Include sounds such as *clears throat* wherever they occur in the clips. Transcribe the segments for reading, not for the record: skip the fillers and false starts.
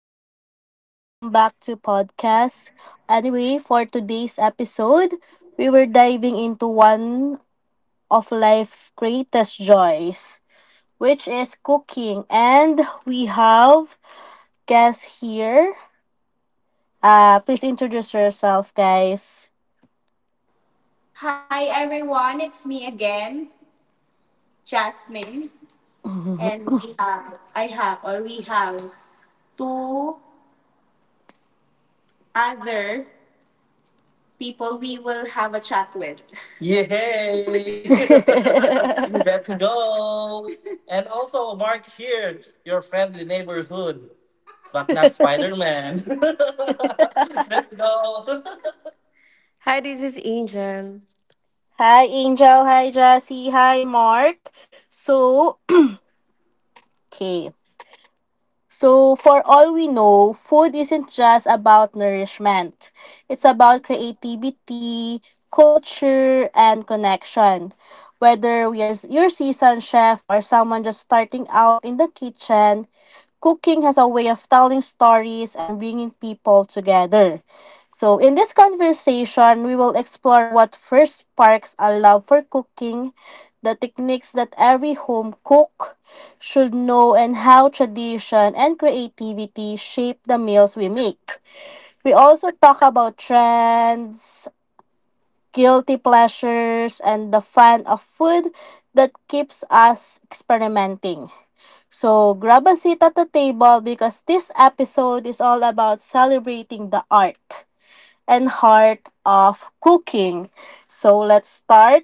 Hello, welcome back to podcast. Anyway, for today's episode, we were diving into one of life's greatest joys, which is cooking. And we have guests here. Please introduce yourself, guys. Hi everyone, it's me again, Jasmine, *laughs* and we have, I have or we have two other people we will have a chat with. Yay! *laughs* Let's go! And also, Mark here, your friendly neighborhood, but not Spider Man. *laughs* Let's go! Hi, this is Angel. Hi, Angel. Hi, Jassy. Hi, Mark. So, okay. For all we know, food isn't just about nourishment. It's about creativity, culture, and connection. Whether we are your seasoned chef or someone just starting out in the kitchen, cooking has a way of telling stories and bringing people together. So, in this conversation, we will explore what first sparks a love for cooking, the techniques that every home cook should know and how tradition and creativity shape the meals we make. We also talk about trends, guilty pleasures, and the fun of food that keeps us experimenting. So grab a seat at the table because this episode is all about celebrating the art and heart of cooking. So let's start.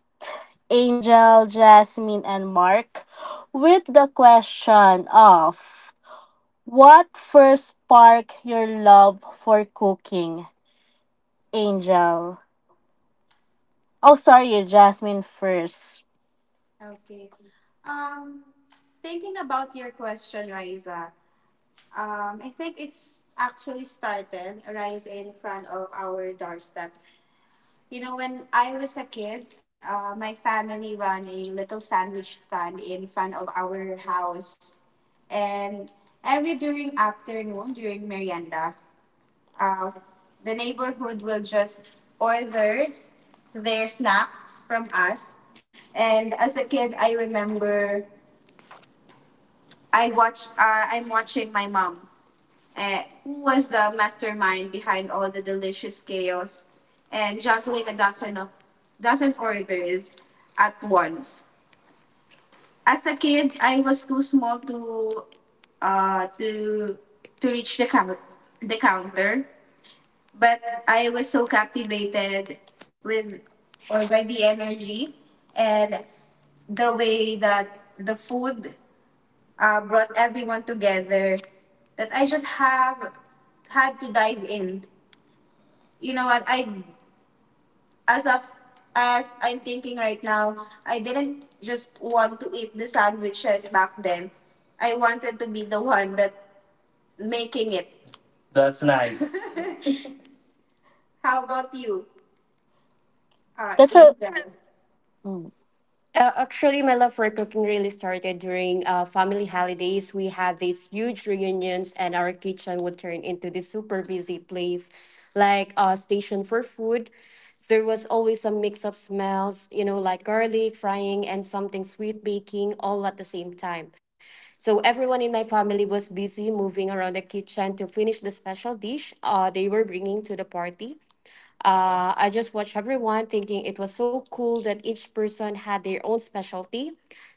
Angel, Jasmine, and Mark with the question of what first sparked your love for cooking, Angel? Oh, sorry, Jasmine first. Okay. Um, Thinking about your question, Riza. I think it's actually started right in front of our doorstep. You know, when I was a kid, my family ran a little sandwich stand in front of our house. And every during afternoon, during merienda, uh, the neighborhood will just order their snacks from us. And as a kid, I remember I'm watching my mom who was the mastermind behind all the delicious chaos and juggling a dozen of dozen orders at once. As a kid, I was too small to uh, to reach the counter, but I was so captivated with or by the energy and the way that the food brought everyone together that I just have had to dive in. You know what, I as of as I'm thinking right now, I didn't just want to eat the sandwiches back then, I wanted to be the one that making it. That's nice. *laughs* How about you, That's a Angel? Mm. Actually, my love for cooking really started during family holidays. We have these huge reunions, and our kitchen would turn into this super busy place, like a station for food. There was always a mix of smells, you know, like garlic frying and something sweet baking all at the same time. So everyone in my family was busy moving around the kitchen to finish the special dish they were bringing to the party. I just watched everyone thinking it was so cool that each person had their own specialty.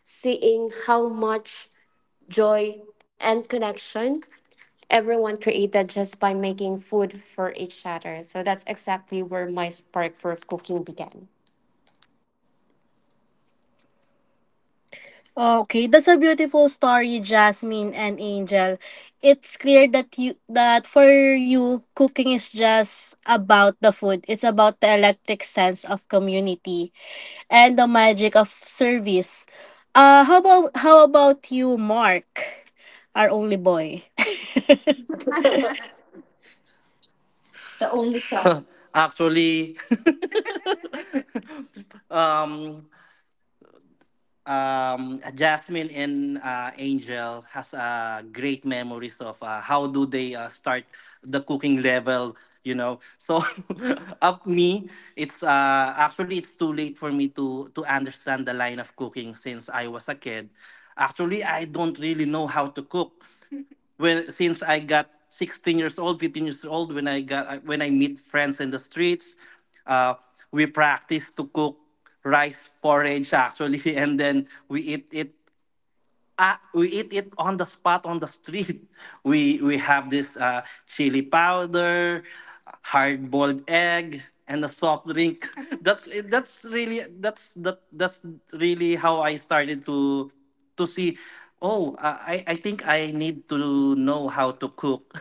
Seeing how much joy and connection everyone created just by making food for each other. So that's exactly where my spark for cooking began. Okay. That's a beautiful story, Jasmine and Angel. It's clear that you that for you, cooking is just about the food. It's about the electric sense of community and the magic of service. How about you, Mark, our only boy? *laughs* The only song. *laughs* Actually, *laughs* um, Jasmine and Angel has great memories of how do they start the cooking level. So *laughs* up me, it's actually it's too late for me to understand the line of cooking since I was a kid. Actually, I don't really know how to cook when since I got 16 years old, 15 years old, when I got when I meet friends in the streets, uh, we practice to cook rice porridge actually, *laughs* and then we eat it on the spot on the street. *laughs* We have this chili powder, hard boiled egg, and a soft drink. *laughs* That's it- that's really that's that that's really how I started to see. Oh, I think I need to know how to cook.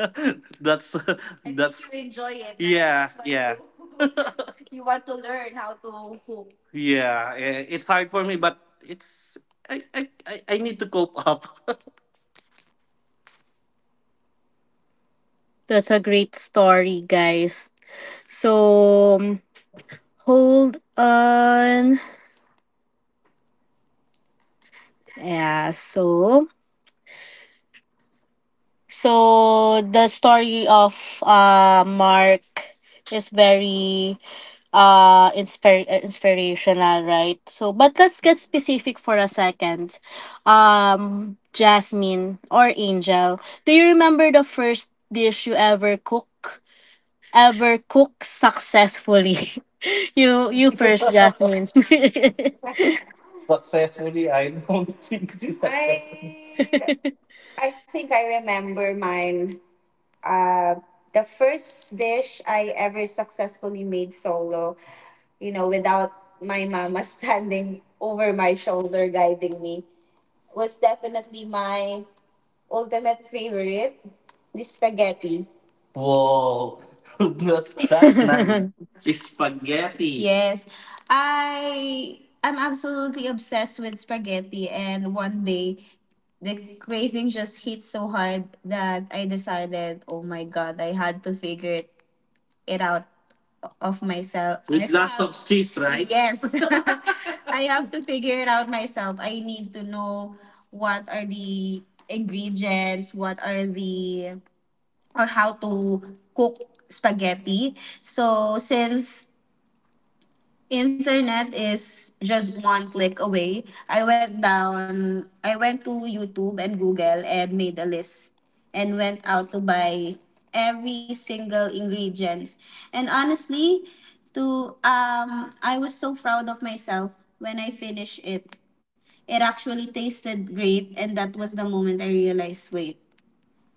*laughs* That's, I think, that's. You enjoy it. That's. Yeah, why yeah. *laughs* You want to learn how to cook. Yeah, it's hard for me, but it's I I I need to cope up. *laughs* That's a great story, guys. So hold on. Yeah, so the story of Mark is very inspirational, right? But let's get specific for a second. Jasmine or Angel, do you remember the first dish you ever cook? Ever cook successfully? *laughs* You first, Jasmine. Successfully, I don't *laughs* think she's successful. I think I remember mine. Uh, the first dish I ever successfully made solo, without my mama *laughs* standing over my shoulder guiding me, was definitely my ultimate favorite, the spaghetti. Whoa, *laughs* that's nice. *laughs* Spaghetti. Yes. I am absolutely obsessed with spaghetti, and one day the craving just hit so hard that I decided, oh my god, I had to figure it out of myself. I With I lots have of cheese, right? Yes. *laughs* I have to figure it out myself. I need to know what are the ingredients, what are the, or how to cook spaghetti. So, since internet is just one click away. I went to YouTube and Google and made a list and went out to buy every single ingredients. And honestly, to I was so proud of myself when I finished it. It actually tasted great, and that was the moment I realized, wait,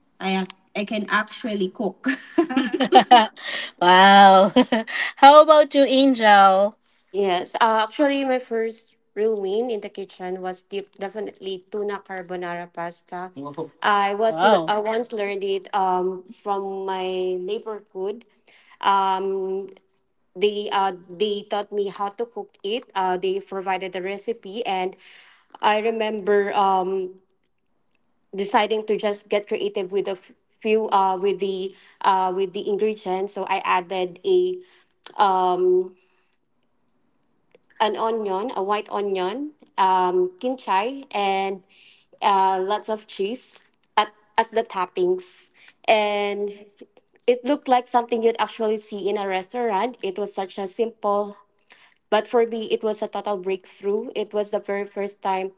I can actually cook. *laughs* *laughs* Wow. *laughs* How about you, Angel? Yes, actually, my first real win in the kitchen was definitely tuna carbonara pasta. Wow. I was l- Wow. I once learned it from my neighborhood. Um, they taught me how to cook it. They provided the recipe, and I remember deciding to just get creative with a f- few with the ingredients. So I added a um an onion, a white onion, kinchai, and lots of cheese as the toppings. And it looked like something you'd actually see in a restaurant. It was such a simple, but for me, it was a total breakthrough. It was the very first time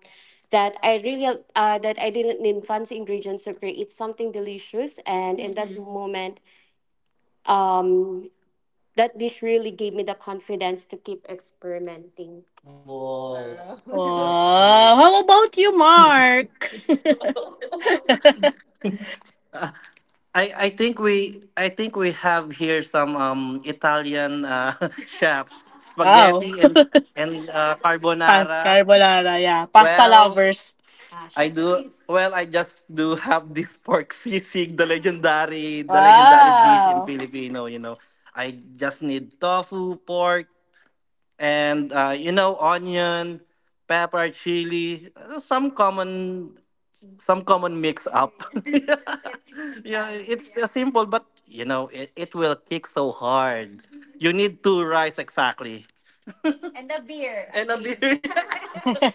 that I really that I didn't need fancy ingredients to create something delicious. And in that, mm-hmm, moment, um, that dish really gave me the confidence to keep experimenting. Whoa, that's cool. Oh, how about you, Mark? I think we have here some Italian *laughs* chefs Wow. spaghetti and Pasta carbonara. carbonara. Yeah. Pasta Well, lovers. I do well I just do have this *laughs* pork sisig, the legendary dish in Wow. Filipino. I just need tofu, pork, and onion, pepper, chili, some common mix up *laughs* yeah. Yeah, it's simple, but it will kick so hard you need two rice exactly and a beer I and a think. Beer *laughs*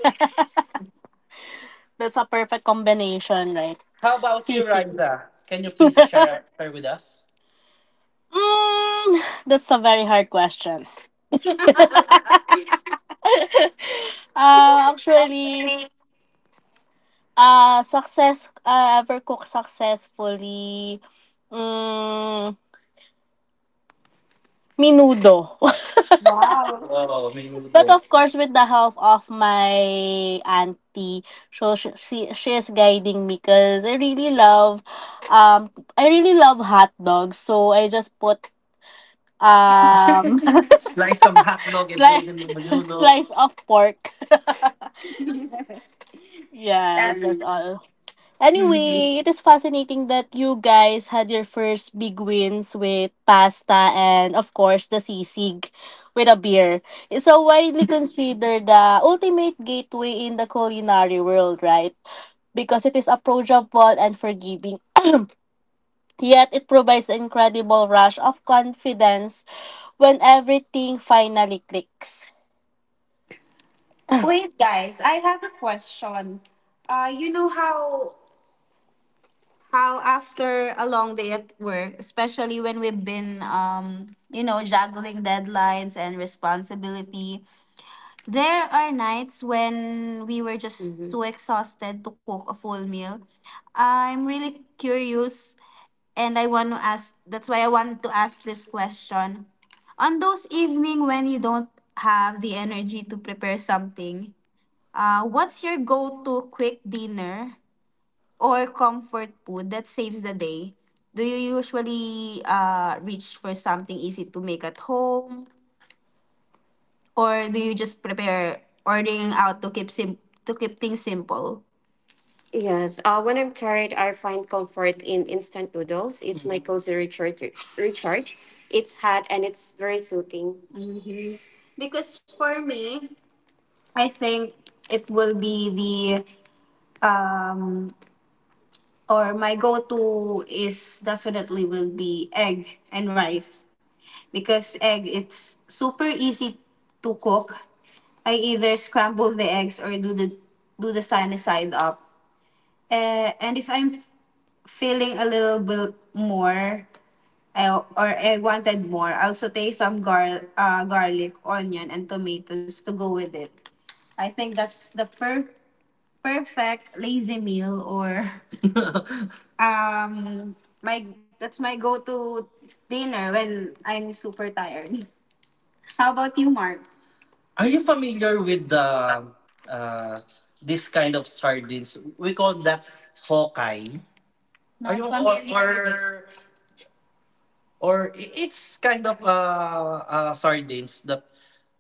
That's a perfect combination, right? *laughs* How about you, Sisig. Raisa? Can you please share with us? That's a very hard question. *laughs* Actually, success, ever cook successfully, mm, minudo. *laughs* Wow, But menudo. of course, with the help of my auntie, so she is guiding me because um, I really love hot dogs. So I just put um *laughs* Slice some hot dog and put it slice in the *laughs* menudo. slice of pork. *laughs* That. Yes, that's all. Mhm. Anyway, it is fascinating that you guys had your first big wins with pasta and of course the sisig with a beer. It's a widely considered the ultimate gateway in the culinary world, right? Because it is approachable and forgiving. Yet it provides an incredible rush of confidence when everything finally clicks. Wait, guys, I have a question. You know how after a long day at work, especially when we've been juggling deadlines and responsibility, there are nights when we were just too exhausted to cook a full meal. I'm really curious and I want to ask that's why I want to ask this question. On those evening when you don't have the energy to prepare something, what's your go-to quick dinner or comfort food that saves the day? Do you usually reach for something easy to make at home, or do you just prepare ordering out to keep things simple? Yes. When I'm tired, I find comfort in instant noodles. It's my cozy recharge. It's hot and it's very soothing. Because for me, I think it will be the or my go-to is definitely will be egg and rice because egg it's super easy to cook. I either scramble the eggs or do the sunny side up. And if I'm feeling a little bit more or I wanted more, I'll saute some garlic, onion, and tomatoes to go with it. I think that's the perfect lazy meal or *laughs* um my that's my go-to dinner when I'm super tired. How about you, Mark? Are you familiar with the uh, this kind of sardines? We call that hawkai. Are Not you familiar with it. It's kind of sardines that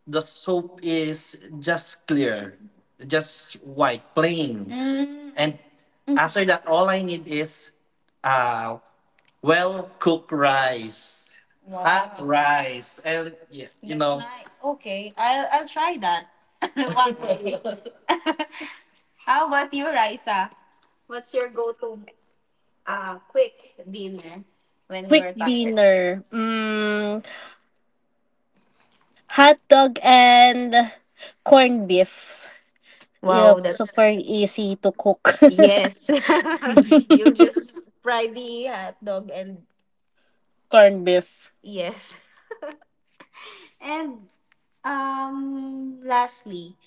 the soap is just clear, just white, plain. Mm. And after that, all I need is uh, well cooked rice, Wow. hot Wow. rice, and yeah, you That's know. Nice. Okay, I'll try that *laughs* one day. *laughs* How about you, Raisa? What's your go to quick dinner when you Quick are tired? dinner. Hot dog and corned beef. Yep, Wow, that's. super easy to cook. *laughs* Yes. *laughs* You'll just fry the hot dog and Corned beef. yes. And lastly,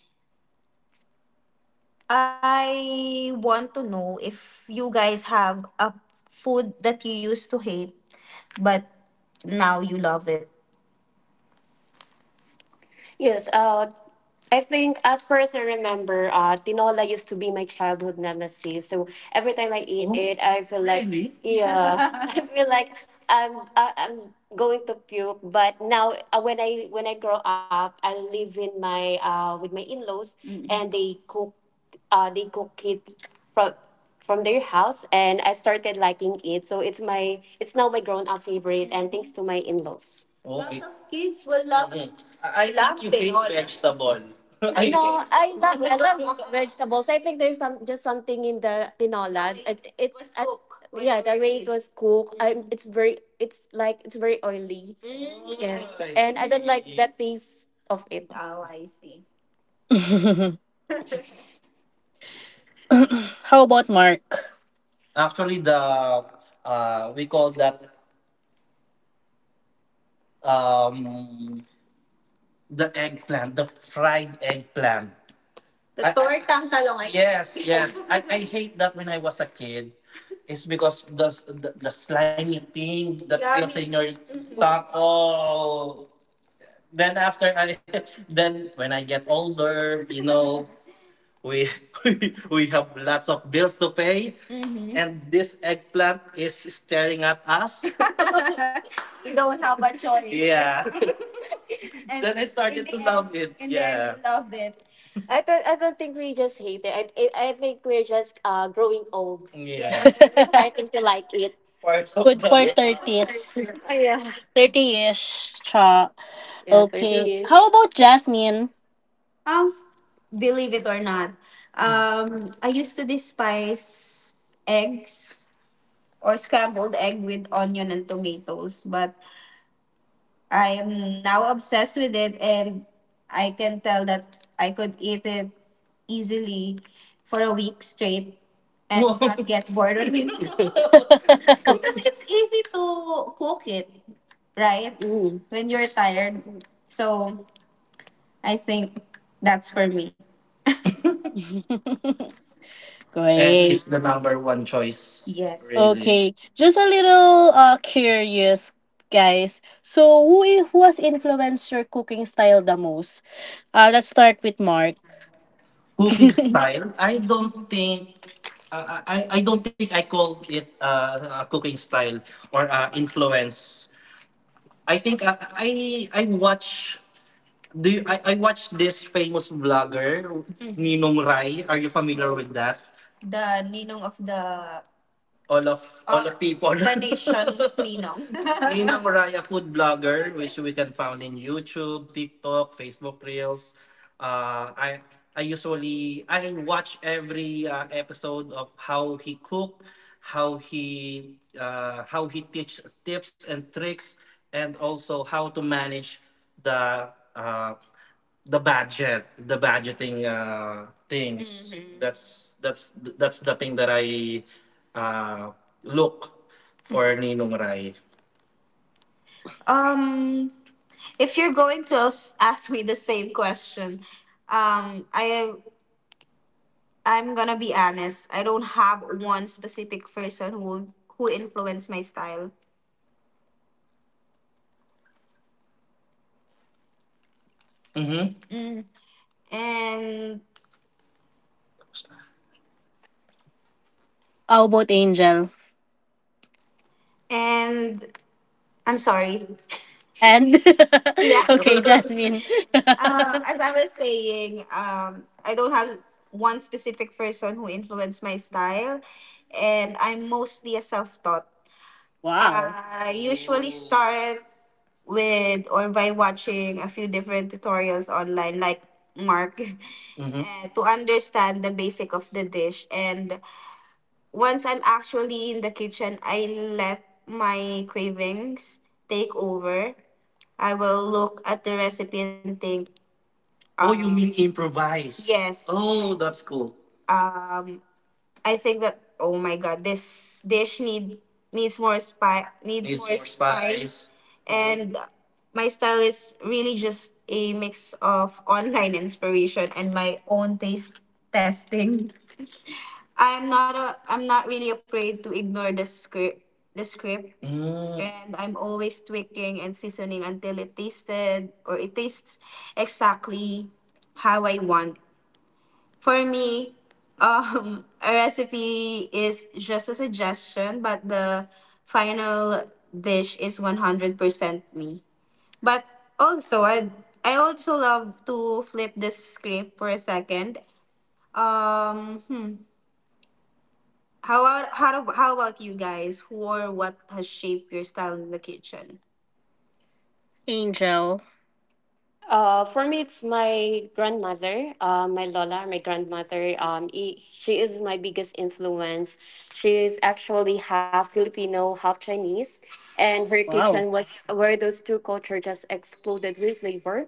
I want to know if you guys have a food that you used to hate but now you love it. Yes, I think, as far as I remember, tinola used to be my childhood nemesis. So every time I eat Oh, it, I feel like, really? Yeah, *laughs* I feel like I'm going to puke. But now, when I grow up, I live in my with my in laws, Mm-mm. And they cook it from from their house, and I started liking it. So it's now my grown up favorite, and thanks to my in laws. Okay. Lot of Kids will love. Mm. I love think you hate all. Vegetable. *laughs* I know. I love vegetables. So I think there's some just something in the tinola. It's yeah, the way it was cooked. I, it's very it's like it's very oily. Yes, and I don't like see. The taste of it. Oh, I see. How about Mark? *laughs* Actually, the we call that um, the eggplant, the fried eggplant. Tortang talong, I think. Yes, think. *laughs* Yes. I hate that when I was a kid. It's because the slimy thing that feels in your Mhm. tongue. Oh, then *laughs* then when I get older, we *laughs* we have lots of bills to pay. Mhm. And this eggplant is staring at us. You don't have a choice. Yeah. *laughs* And then I started to love it in the end. Yeah. Then you loved it. I don't. I don't think we just hate it. I think we're just growing old. Yeah. Yes, we're starting to like it. Part of Food the for 30s. 30-ish. Cha. *laughs* yeah, thirty Okay. years. How about Jasmine? Um, believe it or not, I used to despise eggs or scrambled egg with onion and tomatoes, but I am now obsessed with it, and I can tell that I could eat it easily for a week straight and, whoa, not get bored of it *laughs* *laughs* because it's easy to cook it, right? Mm. When you're tired, so I think that's for me. Egg is Great. the number one choice. Yes. Really. Okay. Just a little curious, guys. So who has influenced your cooking style the most? Let's start with Mark. Cooking *laughs* style, I don't think I don't think I called it a cooking style or influence. I think I watch do you, I watch this famous vlogger Ninong Rai. Are you familiar with that? The Ninong of the all of all, of people. *laughs* The nation's ninong. *laughs* Ninang Raya food blogger, which we can find in YouTube, TikTok, Facebook Reels. Uh, I I usually I watch every episode of how he cook, how he teach tips and tricks, and also how to manage the uh, the budget, the budgeting things. Mm-hmm. That's the thing that I uh, look for, Ninong Rai. Um, if you're going to ask me the same question, I I'm gonna be honest. I don't have one specific person who influenced my style. Mm-hmm. and How about Angel? and I'm sorry. *laughs* And Yeah. *laughs* okay, Jasmine. *laughs* As I was saying, I don't have one specific person who influenced my style, and I'm mostly a self-taught. Wow. I usually start with or by watching a few different tutorials online, like Mark. *laughs* Mm-hmm. To understand the basic of the dish, and once I'm actually in the kitchen, I let my cravings take over. I will look at the recipe and think, oh, you mean, improvise? Yes. Oh, that's cool. I think that, oh my god, this dish needs more spice, needs more spice, spice. And my style is really just a mix of online inspiration and my own taste testing. I'm not really afraid to ignore the script. Mm. And I'm always tweaking and seasoning until it tasted or it tastes exactly how I want. For me, *laughs* a recipe is just a suggestion, but the final dish is 100% me. But also, I also love to flip the script for a second. Um, hmm. How about how about you guys? Who or what has shaped your style in the kitchen? Angel. For me, it's my grandmother, my Lola, my grandmother. She is my biggest influence. She is actually half Filipino, half Chinese, and her Wow. kitchen was where those two cultures just exploded with flavor.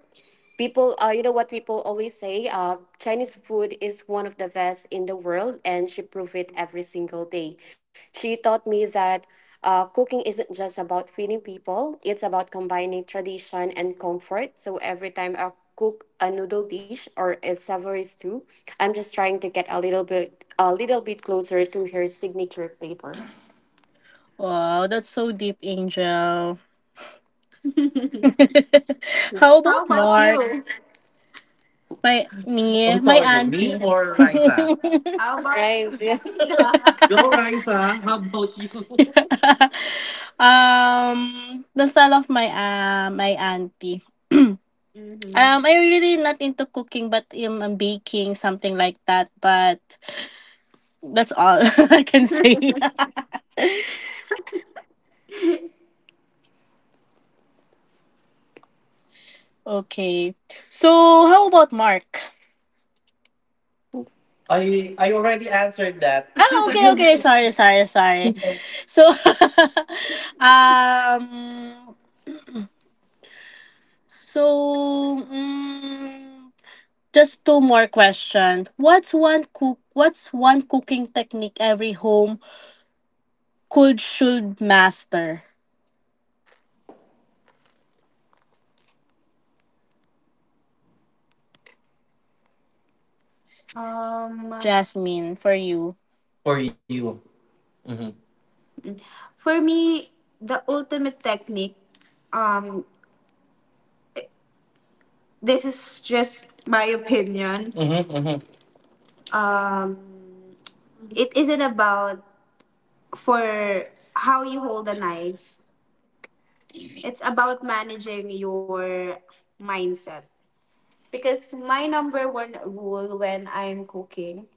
People, you know what people always say, Chinese food is one of the best in the world, and she proved it every single day. She taught me that cooking isn't just about feeding people, it's about combining tradition and comfort. So every time I cook a noodle dish or a savory stew, I'm just trying to get a little bit closer to her signature flavor. Wow, that's so deep, Angel. *laughs* How How about about Mark? you? I'm My sorry, me auntie. or *laughs* Raisa? How about, right. Go, Raisa. How about you? The style of my my auntie. I really not into cooking, but I'm baking something like that. But that's all *laughs* I can say. *laughs* Okay. So how about Mark? I already answered that. Ah, okay, *laughs* okay. Sorry, sorry, sorry. So, *laughs* um, so mm, just two more questions. What's one cooking technique every home could should master? Um, Jasmine, for you. For you. For me, the ultimate technique. Um, this is just my opinion. Mm. Um, it isn't about for how you hold a knife. It's about managing your mindset. Because my number one rule when I'm cooking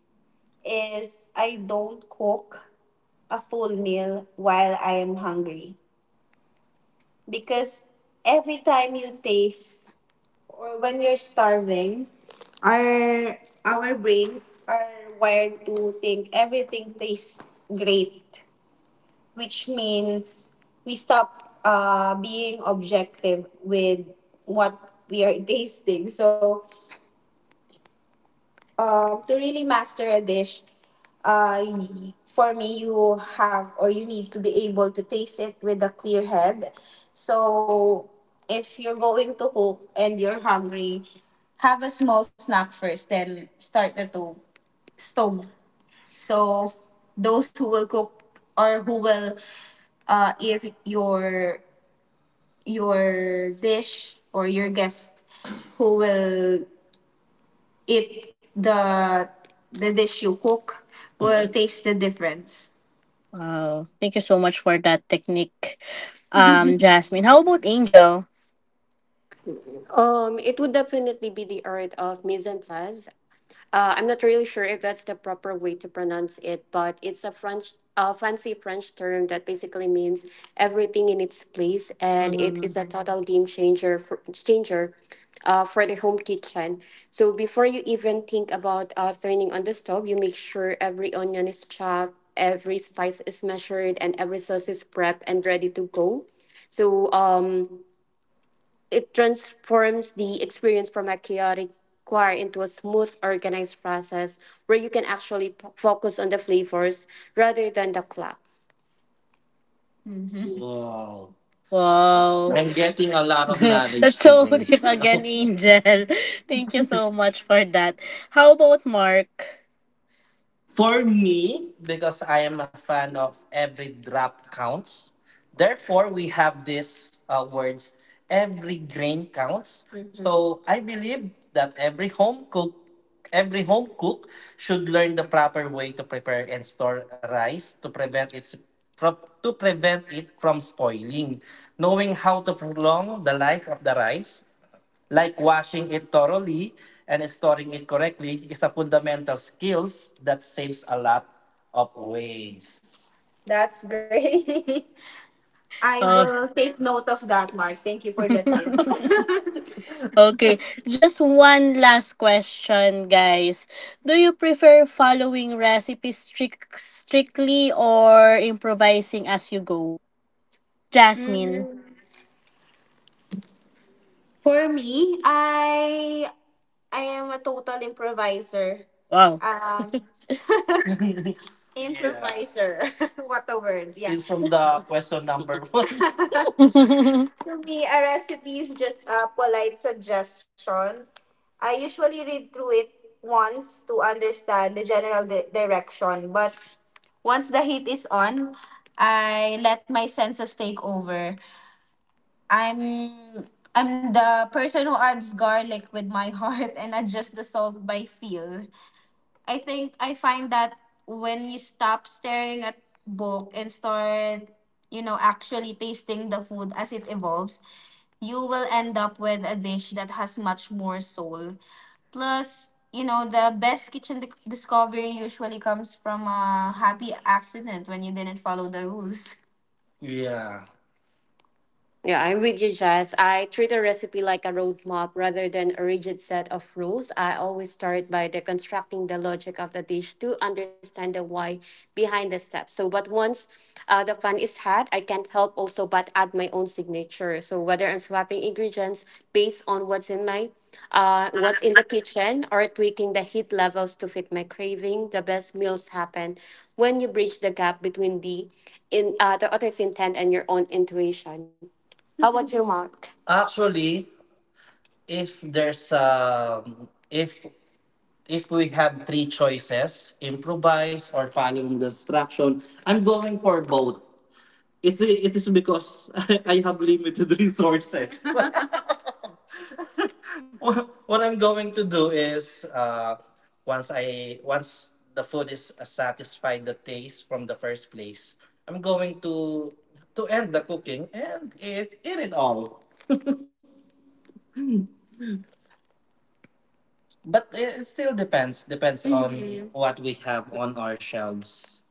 is I don't cook a full meal while I am hungry. Because every time you taste or when you're starving, our our brain are wired to think everything tastes great, which means we stop being objective with what we are *laughs* tasting. So to really master a dish, for me, you have or you need to be able to taste it with a clear head. So, if you're going to cook and you're hungry, have a small snack first, then start the stove. So, those who will cook or who will eat your dish or your guest who will it the dish you cook will taste the difference. Wow, thank you so much for that technique, Jasmine. How about Angel? It would definitely be the art of mise en place. I'm not really sure if that's the proper way to pronounce it, but it's a French, fancy French term that basically means everything in its place, and it Mm, is a total game changer for the home kitchen. So before you even think about turning on the stove, you make sure every onion is chopped, every spice is measured, and every sauce is prepped and ready to go. So it transforms the experience from a chaotic choir into a smooth, organized process where you can actually focus on the flavors rather than the clock. Wow. wow, I'm getting a *laughs* lot of knowledge that's so today. deep again, Angel. *laughs* Thank you so much for that. How about Mark? For me, because I am a fan of every drop counts, therefore we have these words, every grain counts. Mhm. So I believe that every home cook should learn the proper way to prepare and store rice to prevent its to prevent it from spoiling. Knowing how to prolong the life of the rice, like washing it thoroughly and storing it correctly, is a fundamental skills that saves a lot of waste. That's great. *laughs* I Uh, will take note of that, Mark. Thank you for the tip. *laughs* Okay, just one last question, guys. Do you prefer following recipes strictly or improvising as you go? Jasmine. Mm. For me, I am a total improviser. Wow. Um, *laughs* *laughs* yeah. Improviser. *laughs* What a word. Yeah. It's from the question number *laughs* one. *laughs* Me To me, a recipe is just a polite suggestion. I usually read through it once to understand the general direction, but once the heat is on, I let my senses take over. I'm I'm the person who adds garlic with my *laughs* heart and adjusts the salt by feel. I think I find that when you stop staring at book and start, you know, actually tasting the food as it evolves, you will end up with a dish that has much more soul. Plus, you know, the best kitchen discovery usually comes from a happy accident when you didn't follow the rules. Yeah. Yeah, I'm with you, Jess. I treat a recipe like a roadmap rather than a rigid set of rules. I always start by deconstructing the logic of the dish to understand the why behind the steps. So, but once the fun is had, I can't help also but add my own signature. So, whether I'm swapping ingredients based on what's in my what's in the kitchen or tweaking the heat levels to fit my craving, the best meals happen when you bridge the gap between the author's intent and your own intuition. How about you, Mark? Actually, if there's if we have three choices, improvise or planning destruction, I'm going for both. It is because *laughs* I have limited resources. *laughs* what, what I'm going to do is once I once the food is satisfied the taste from the first place, I'm going to end the cooking and eat it all. But it still depends. Depends on, mhm, what we have on our shelves.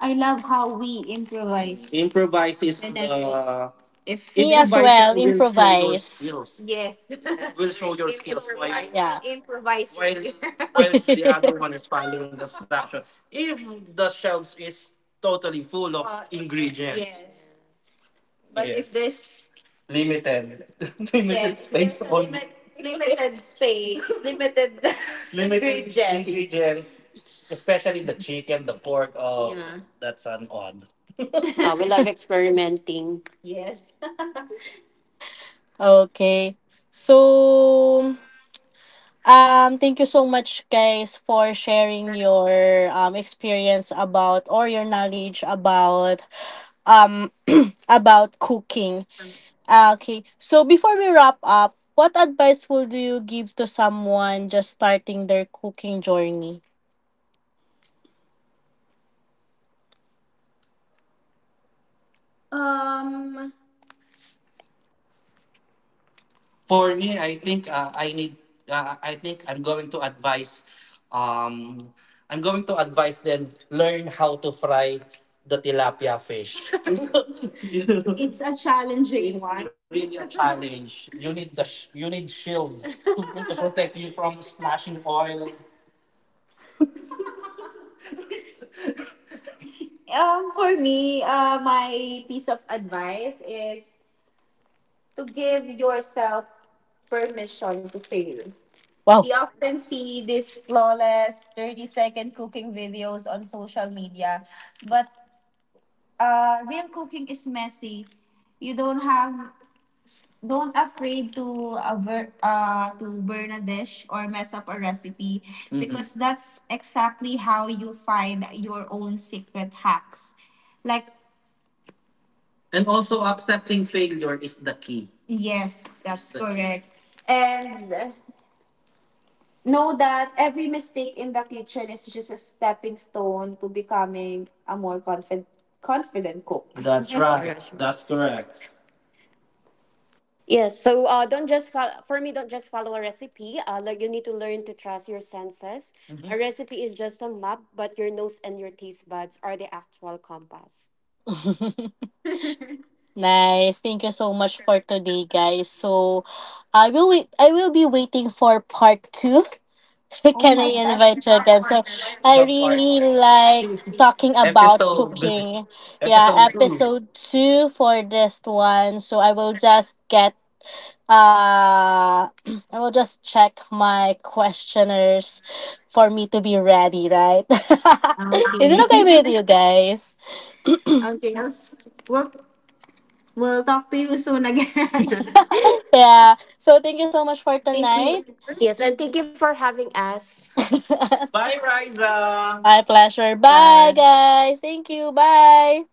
I love how we improvise. Improvise is, and then the if the- as improviser well, will show your skills. improvise. Yes. *laughs* Will show your skills while improvise. All Yeah. improvise. While here. *laughs* While *laughs* the other one is following the structure. If the shelves is totally full of ingredients, yes. But yes. If there's limited, *laughs* limited, yes, space, there's limited space, *laughs* limited *laughs* limited ingredients. Ingredients, especially the chicken, the pork. Oh, yeah. That's an odd. We love experimenting. Yes. Okay. So, thank you so much, guys, for sharing your experience about or your knowledge about um *clears throat* about cooking. Ah, okay. So before we wrap up, what advice would you give to someone just starting their cooking journey? *laughs* um. For me, I think I need. I think I'm going to advise. Um, I'm going to advise them learn how to fry the tilapia fish. *laughs* It's a challenging. It's one. Really a challenge. You need you need shield *laughs* to protect you from splashing oil. For me, my piece of advice is to give yourself permission to fail. We Wow. often see these flawless 30-second cooking videos on social media, but real cooking is messy. You don't have don't afraid to to burn a dish or mess up a recipe. Mm-mm. Because that's exactly how you find your own secret hacks. Like, and also, accepting failure is the key. Yes, is that's the key. Correct. And know that every mistake in the kitchen is just a stepping stone to becoming a more confident cook. That's *laughs* right. That's correct. Yes, so don't just follow, for me, don't just follow a recipe. Like, you need to learn to trust your senses. Hmm. A, mhm, recipe is just a map, but your nose and your taste buds are the actual compass. *laughs* Nice. Thank you so much for today, guys. So I will be waiting for part 2. *laughs* Oh Can my I god. We invite you have again? part. So We I have part really like two. talking *laughs* about Episode. cooking. Yeah, Episode 2. episode 2 for this one. So I will just get Uh, *clears throat* I will just check my questioners for me to be ready, right? *laughs* Is Okay. it okay with you guys? *laughs* Okay. We'll, we'll talk to you soon again. *laughs* *laughs* Yeah. So thank you so much for Thank tonight. you. Yes, and thank you for having us. *laughs* Bye, Riza. My pleasure. Bye, Bye. guys. Thank you. Bye.